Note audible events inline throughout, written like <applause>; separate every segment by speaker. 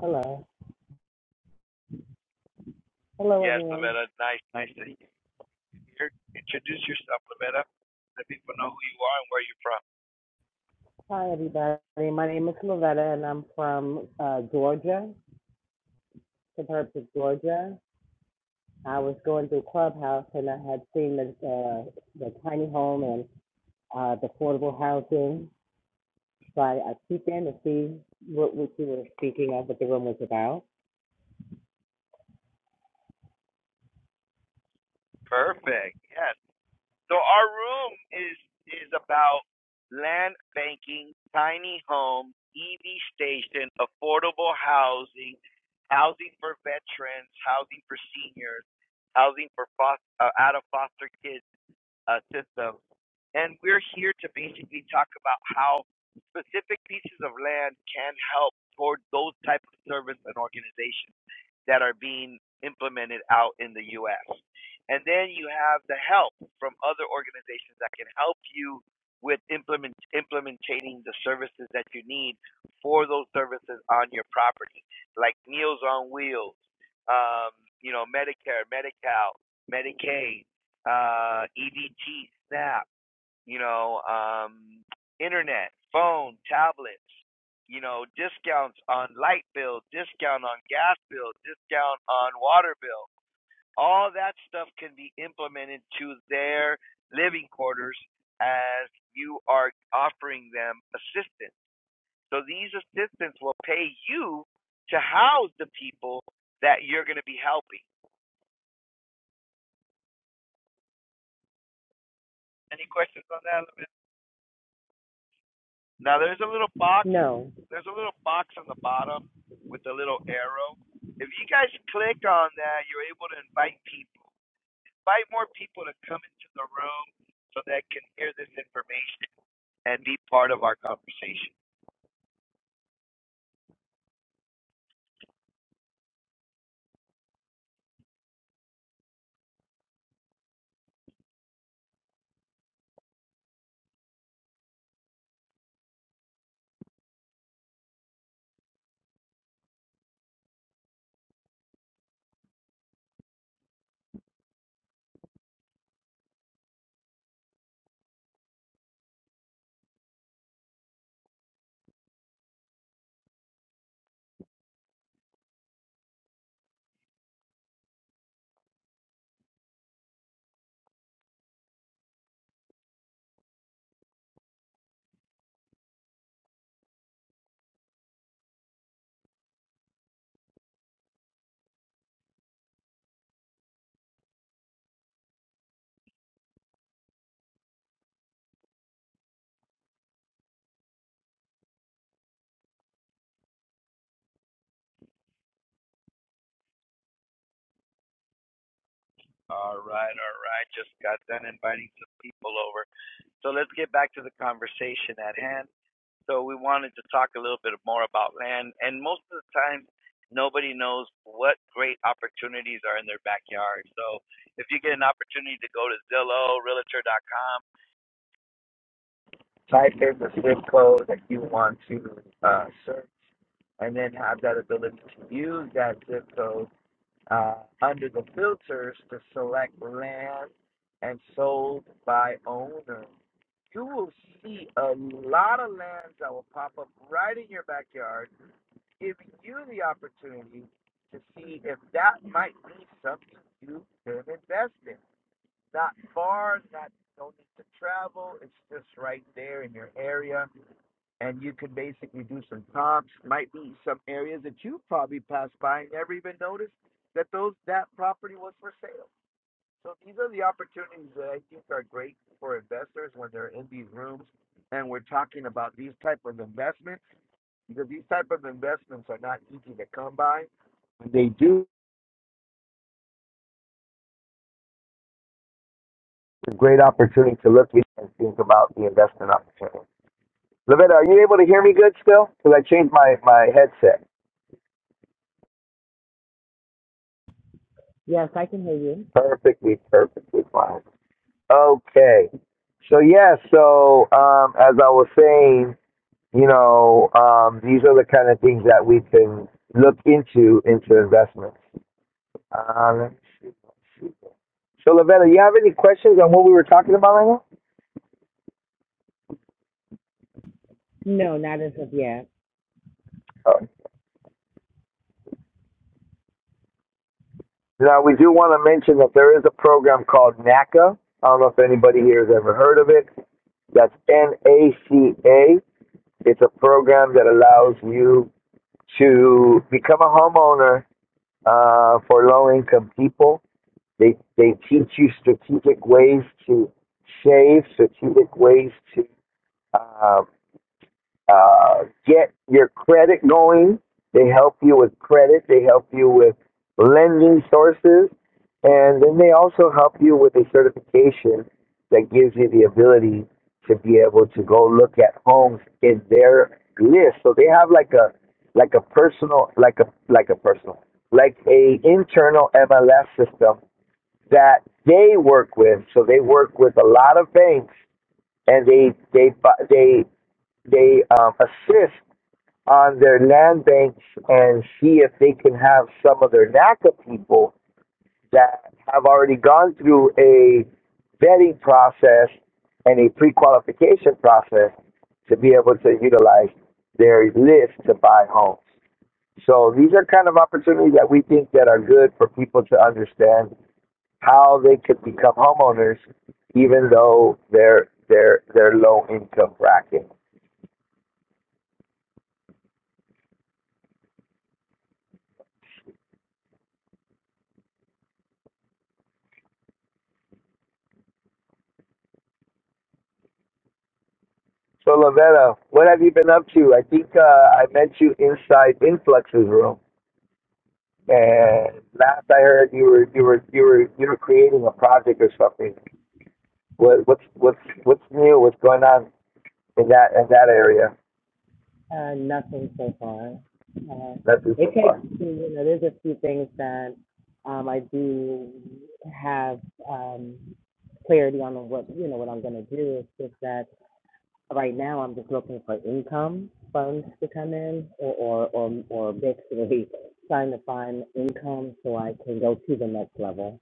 Speaker 1: Hello. Hello, everyone. Hi, everybody. My name is Lovetta, and I'm from uh, Georgia, suburbs of Georgia. I was going through Clubhouse, and I had seen the uh, the tiny home and uh, the affordable housing. So I, I peeked in to see what, what you were speaking of, what the room was about. No.
Speaker 2: and sold to see if that might be something. And you can basically do some comps, might be some areas that you probably passed by and never even noticed that those that property was for sale. So these are the opportunities that I think are great for investors when they're in these rooms and we're talking about these type of investments because these type of investments are not easy to come by. When they do, it's a great opportunity to look and think about the investment opportunity. Lavetta, are you able to hear me good still? Because I changed my, my headset.
Speaker 1: Yes, I can hear you.
Speaker 2: Perfectly, perfectly fine. Okay. So, yeah, so um, as I was saying, you know, um, these are the kind of things that we can look into, into investments. Um, so, Lavetta, you have any questions on what we were talking about right now?
Speaker 1: No, not as of yet.
Speaker 2: Oh. Now, we do want to mention that there is a program called NACA. I don't know if anybody here has ever heard of it. That's N A C A. It's a program that allows you to become a homeowner uh, for low income people. They they teach you strategic ways to save, strategic ways to uh, uh, get your credit going. They help you with credit. They help you with lending sources, and then they also help you with a certification that gives you the ability to be able to go look at homes in their list. So they have like a like a personal like a like a personal like a internal MLS system that they work with. So they work with a lot of banks and they they they they um, assist on their land banks and see if they can have some of their NACA people that have already gone through a vetting process and a pre-qualification process to be able to utilize their list to buy homes. So these are kind of opportunities that we think that are good for people to understand how they could become homeowners even though they're they're they're low income bracket. So Lavetta, what have you been up to? I think uh, I met you inside Influx's room, and last I heard, you were you were you were you were creating a project or something. What what's what's what's new? What's going on in that in that area?
Speaker 1: Uh, nothing so far. Uh,
Speaker 2: Nothing
Speaker 1: it
Speaker 2: so
Speaker 1: takes,
Speaker 2: far.
Speaker 1: you know, there's a few things that um, I do have um, clarity on what, you know, what I'm going to do. It's just that right now I'm just looking for income funds to come in or, or, or, or basically <laughs> trying to find income so I can go to the next level.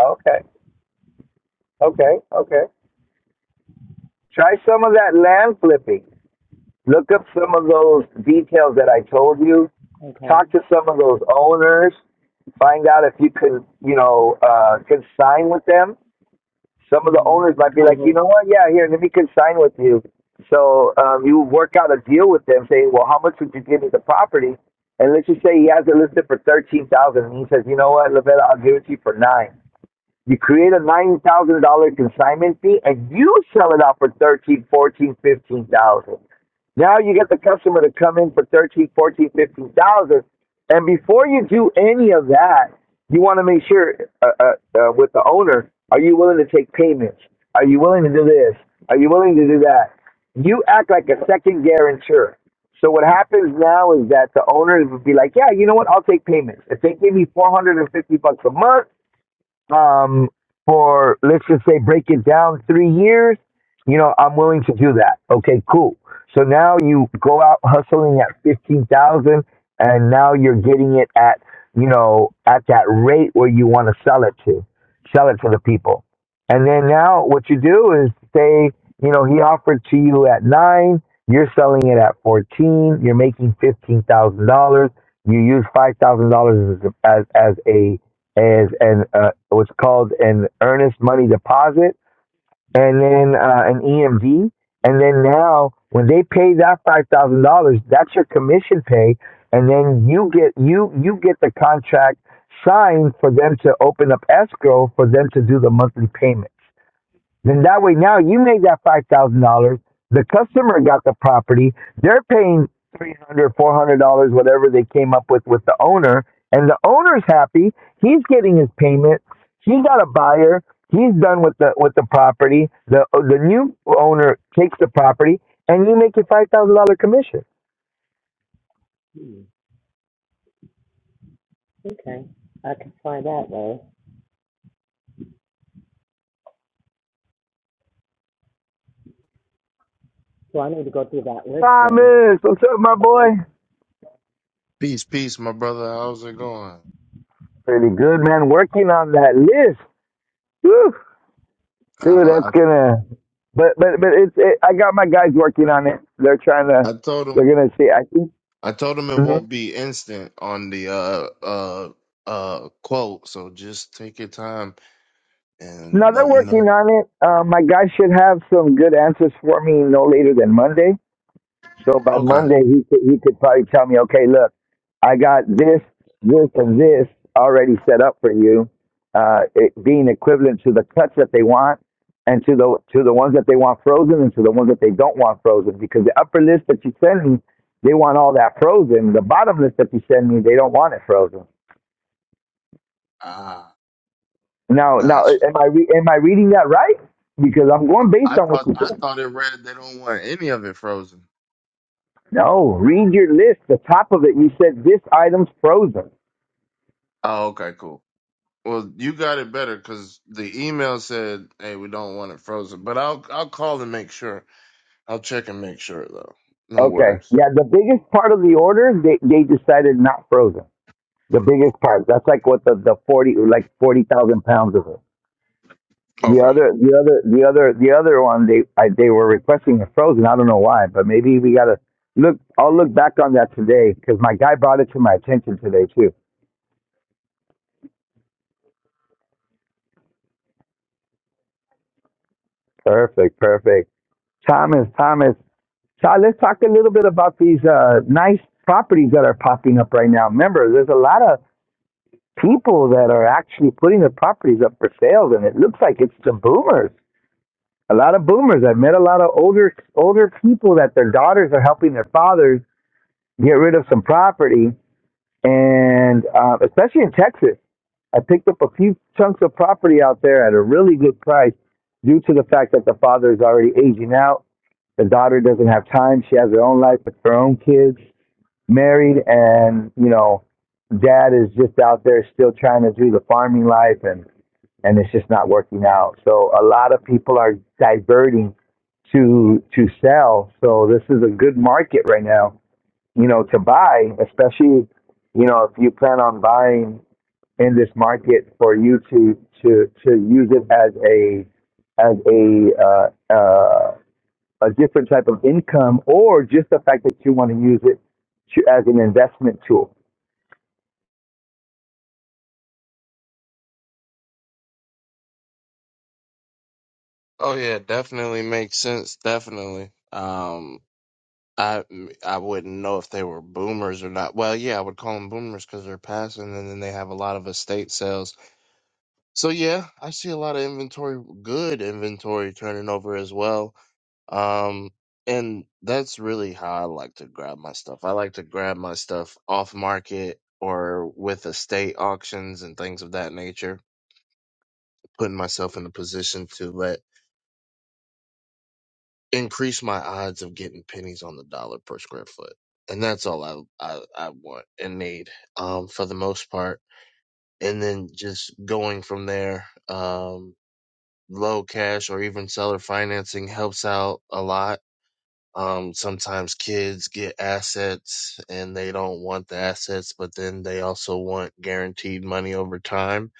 Speaker 2: Okay, okay, okay. Try some of that land flipping. Look up some of those details that I told you.
Speaker 1: Okay.
Speaker 2: Talk to some of those owners. Find out if you can, you know, uh, consign with them Some of the owners
Speaker 1: Mm-hmm.
Speaker 2: might be like, you
Speaker 1: Co-host.
Speaker 2: know what? Yeah, here, let me consign with you. So um, you work out a deal with them, saying, well, how much would you give me the property? And let's just say he has it listed for thirteen thousand, and he says, you know what, Lavella, I'll give it to you for nine. You create a nine thousand dollar consignment fee, and you sell it out for thirteen, thousand dollars, fourteen, thousand dollars, fifteen thousand. dollars. Now you get the customer to come in for thirteen, thousand dollars, fourteen, thousand dollars, fifteen thousand, dollars. and before you do any of that, you want to make sure uh, uh, uh, with the owner, are you willing to take payments? Are you willing to do this? Are you willing to do that? You act like a second guarantor. So what happens now is that the owners would be like, yeah, you know what? I'll take payments. If they give me 450 bucks a month, um, for let's just say break it down three years, you know, I'm willing to do that. Okay, cool. So now you go out hustling at fifteen thousand, and now you're getting it at you know at that rate where you want to sell it to, sell it to the people, and then now what you do is say you know he offered to you at nine, you're selling it at fourteen, you're making fifteen thousand dollars. You use five thousand dollars as as as a as an uh, what's called an earnest money deposit, and then uh, an EMV, and then now when they pay that five thousand dollars, that's your commission pay, and then you get you you get the contract signed for them to open up escrow for them to do the monthly payments. Then that way now you made that five thousand dollars. The customer got the property. They're paying three hundred, dollars, four hundred dollars, whatever they came up with with the owner, and the owner's happy. He's getting his payment. He's got a buyer. He's done with the with the property. The the new owner takes the property, and you make your five thousand dollar commission.
Speaker 1: Hmm. Okay. I can try that way. So I need to go through that list then.
Speaker 2: Thomas, what's up, my boy?
Speaker 3: Peace, peace, my brother. How's it going?
Speaker 2: Pretty good, man. Working on that list. Woo.
Speaker 3: I,
Speaker 2: dude, that's
Speaker 3: I,
Speaker 2: gonna. But but but it's it, I got my guys working on it. They're trying to.
Speaker 3: I told him,
Speaker 2: They're gonna see. I think.
Speaker 3: I told him it
Speaker 2: hmm
Speaker 3: won't be instant on the uh uh uh quote. So just take your time
Speaker 2: No,
Speaker 3: and
Speaker 2: they're
Speaker 3: let me
Speaker 2: working
Speaker 3: know.
Speaker 2: on it. Um, my guys should have some good answers for me no later than Monday. So by
Speaker 3: Okay.
Speaker 2: Monday, he could, he could probably tell me, okay, look, I got this, this, and this already set up for you, uh, it being equivalent to the cuts that they want, and to the to the ones that they want frozen, and to the ones that they don't want frozen. Because the upper list that you send me, they want all that frozen. The bottom list that you send me, they don't want it frozen.
Speaker 3: Ah,
Speaker 2: Now, now,
Speaker 3: got you.
Speaker 2: am I re- am I reading that right? Because I'm going
Speaker 3: I
Speaker 2: based on what
Speaker 3: thought,
Speaker 2: you
Speaker 3: I
Speaker 2: said.
Speaker 3: thought it read they don't want any of it frozen.
Speaker 2: No, read your list. The top of it, you said this item's frozen.
Speaker 3: Oh, okay, cool. Well, you got it better because the email said, "Hey, we don't want it frozen." But I'll, I'll call and make sure. I'll check and make sure though. No
Speaker 2: Okay.
Speaker 3: worries.
Speaker 2: Yeah, the biggest part of the order, they, they decided not frozen. The biggest part. That's like what the, the forty like forty thousand pounds of it. The
Speaker 3: Okay.
Speaker 2: other the other the other the other one they I, they were requesting it frozen. I don't know why, but maybe we gotta look. I'll look back on that today because my guy brought it to my attention today too. Perfect, perfect. Thomas, Thomas, Todd, let's talk a little bit about these uh, nice properties that are popping up right now. Remember, there's a lot of people that are actually putting their properties up for sales, and it looks like it's the boomers. A lot of boomers. I've met a lot of older older people that their daughters are helping their fathers get rid of some property, and uh, especially in Texas, I picked up a few chunks of property out there at a really good price, due to the fact that the father is already aging out. The daughter doesn't have time. She has her own life with her own kids, married, and you know, dad is just out there still trying to do the farming life and and it's just not working out. So a lot of people are diverting to to sell. So this is a good market right now, you know, to buy, especially, you know, if you plan on buying in this market for you to to to use it as a as a uh, uh, a different type of income, or just the fact that you want to use it to, as an investment tool.
Speaker 3: Oh yeah, definitely makes sense. Definitely. Um, I I wouldn't know if they were boomers or not. Well, yeah, I would call them boomers because they're passing, and then they have a lot of estate sales. So yeah, I see a lot of inventory, good inventory turning over as well. Um, and that's really how I like to grab my stuff. I like to grab my stuff off market or with estate auctions and things of that nature, putting myself in a position to let increase my odds of getting pennies on the dollar per square foot. And that's all I, I, I want and need, um, for the most part. And then just going from there, um, low cash or even seller financing helps out a lot. Um, sometimes kids get assets and they don't want the assets, but then they also want guaranteed money over time.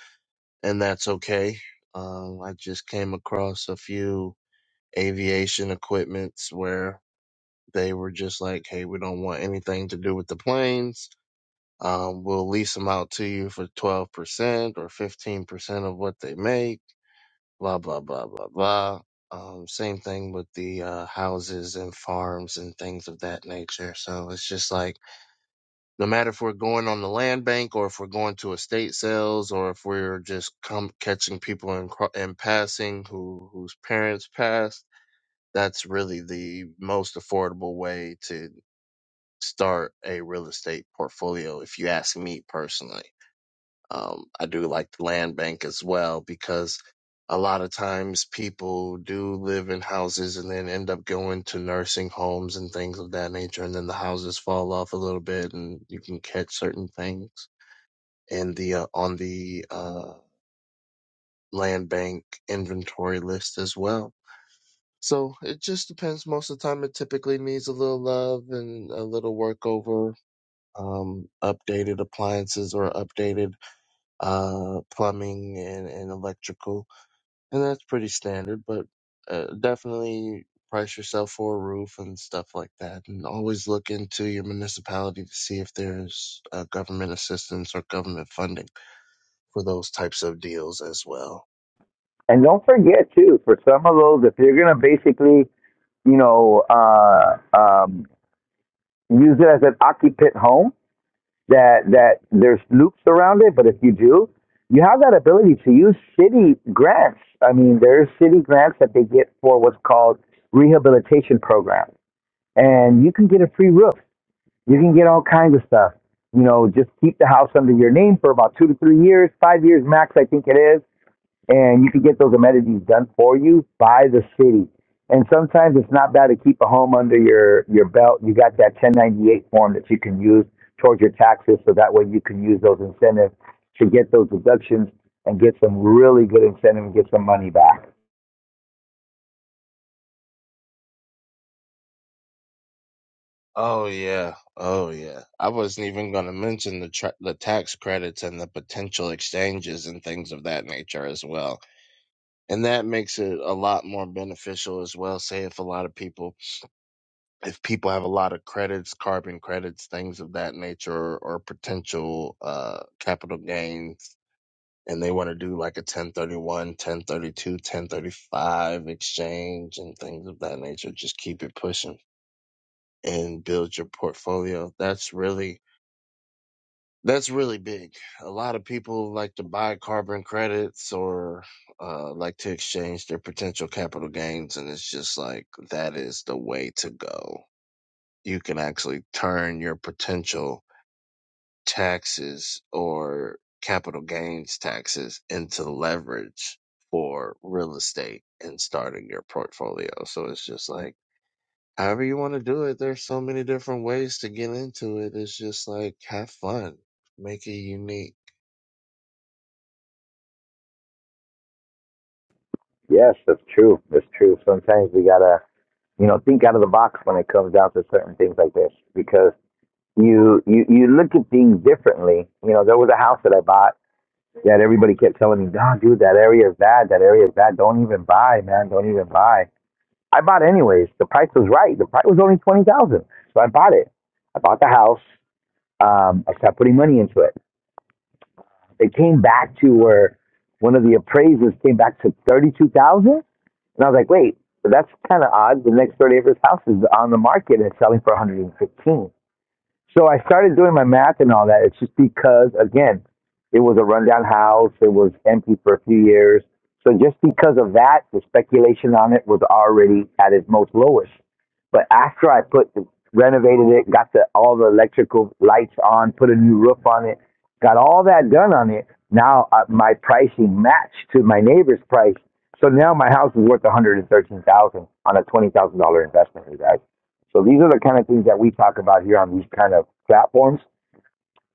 Speaker 3: And that's okay. Um, I just came across a few aviation equipments where they were just like, hey, we don't want anything to do with the planes. Um, we'll lease them out to you for 12% or 15% of what they make, blah, blah, blah, blah, blah. Um, same thing with the uh, houses and farms and things of that nature. So it's just like, no matter if we're going on the land bank or if we're going to estate sales or if we're just come catching people in, cro- in passing who whose parents passed, that's really the most affordable way to start a real estate portfolio if you ask me personally. Um, I do like the land bank as well because a lot of times people do live in houses and then end up going to nursing homes and things of that nature and then the houses fall off a little bit and you can catch certain things in the uh, on the uh, land bank inventory list as well. So it just depends. Most of the time, it typically needs a little love and a little work over. um, updated appliances or updated uh, plumbing and, and electrical. And that's pretty standard, but uh, definitely price yourself for a roof and stuff like that. And always look into your municipality to see if there's uh, government assistance or government funding for those types of deals as well.
Speaker 2: And don't forget too, for some of those, if you're gonna basically you know, uh, um, use it as an occupant home that that there's loops around it. But if you do, you have that ability to use city grants. I mean, there's city grants that they get for what's called rehabilitation programs, and you can get a free roof. You can get all kinds of stuff. You know, just keep the house under your name for about two to three years, five years max, I think it is and you can get those amenities done for you by the city. And sometimes it's not bad to keep a home under your, your belt. You got that 1098 form that you can use towards your taxes, so that way you can use those incentives to get those deductions and get some really good incentive and get some money back.
Speaker 3: Oh yeah, oh yeah. I wasn't even going to mention the tra- the tax credits and the potential exchanges and things of that nature as well. and that makes it a lot more beneficial as well say if a lot of people if people have a lot of credits carbon credits things of that nature or, or potential uh capital gains and they want to do like a 1031, 1032, 1035 exchange and things of that nature just keep it pushing and build your portfolio that's really That's really big. A lot of people like to buy carbon credits or uh, like to exchange their potential capital gains, and it's just like that is the way to go. You can actually turn your potential taxes or capital gains taxes into leverage for real estate and starting your portfolio. So it's just like, however you want to do it, there's so many different ways to get into it. It's just like, have fun, make it unique
Speaker 2: Yes, that's true. That's true. Sometimes we gotta, you know, think out of the box when it comes down to certain things like this because you you you look at things differently. You know, there was a house that I bought that everybody kept telling me, no, dude, that area is bad. That area is bad. Don't even buy, man. Don't even buy. I bought anyways. The price was right. The price was only 20000 So I bought it. I bought the house. Um, I started putting money into it. It came back to where one of the appraisers came back to 32000 And I was like, wait, that's kind of odd. The next 30 acres house is on the market and it's selling for 115 so I started doing my math and all that. It's just because, again, it was a rundown house. It was empty for a few years. So just because of that, the speculation on it was already at its most lowest. But after I put renovated it, got the all the electrical lights on, put a new roof on it, got all that done on it. Now uh, my pricing matched to my neighbor's price. So now my house is worth one hundred and thirteen thousand dollars on a twenty thousand dollar investment, you guys. So these are the kind of things that we talk about here on these kind of platforms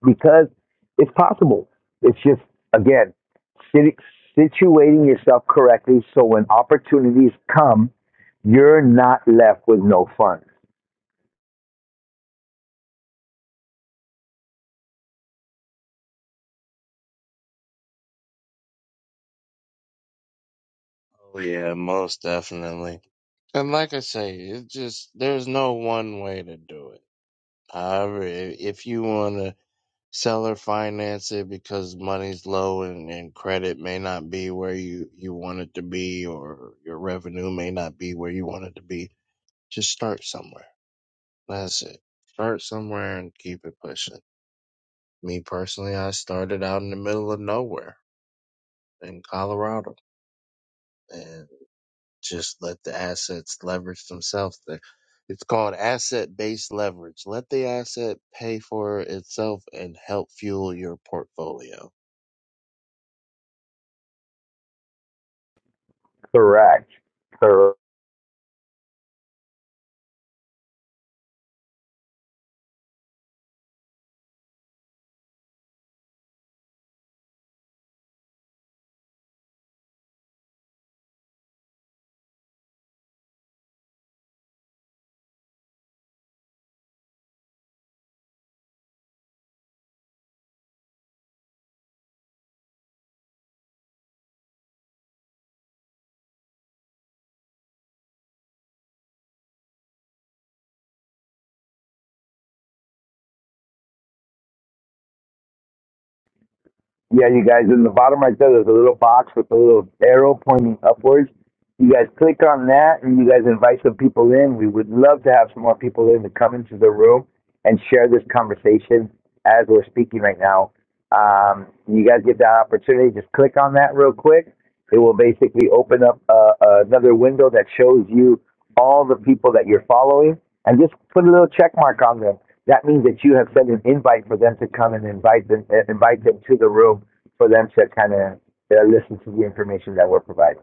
Speaker 2: because it's possible. It's just again situating yourself correctly so when opportunities come, you're not left with no funds.
Speaker 3: Oh yeah, most definitely. And like I say, it just there's no one way to do it. However, i- if you want to sell or finance it because money's low and, and credit may not be where you you want it to be, or your revenue may not be where you want it to be, just start somewhere. That's it. Start somewhere and keep it pushing. Me personally, I started out in the middle of nowhere in Colorado, and. Just let the assets leverage themselves. The- It's called asset based leverage. Let the asset pay for itself and help fuel your portfolio.
Speaker 2: Correct. Correct. Yeah, you guys, in the bottom right there, there's a little box with a little arrow pointing upwards. You guys click on that and you guys invite some people in. We would love to have some more people in to come into the room and share this conversation as we're speaking right now. Um, you guys get that opportunity, just click on that real quick. It will basically open up uh, another window that shows you all the people that you're following and just put a little check mark on them that means that you have sent an invite for them to come and invite them, uh, invite them to the room for them to kind of uh, listen to the information that we're providing.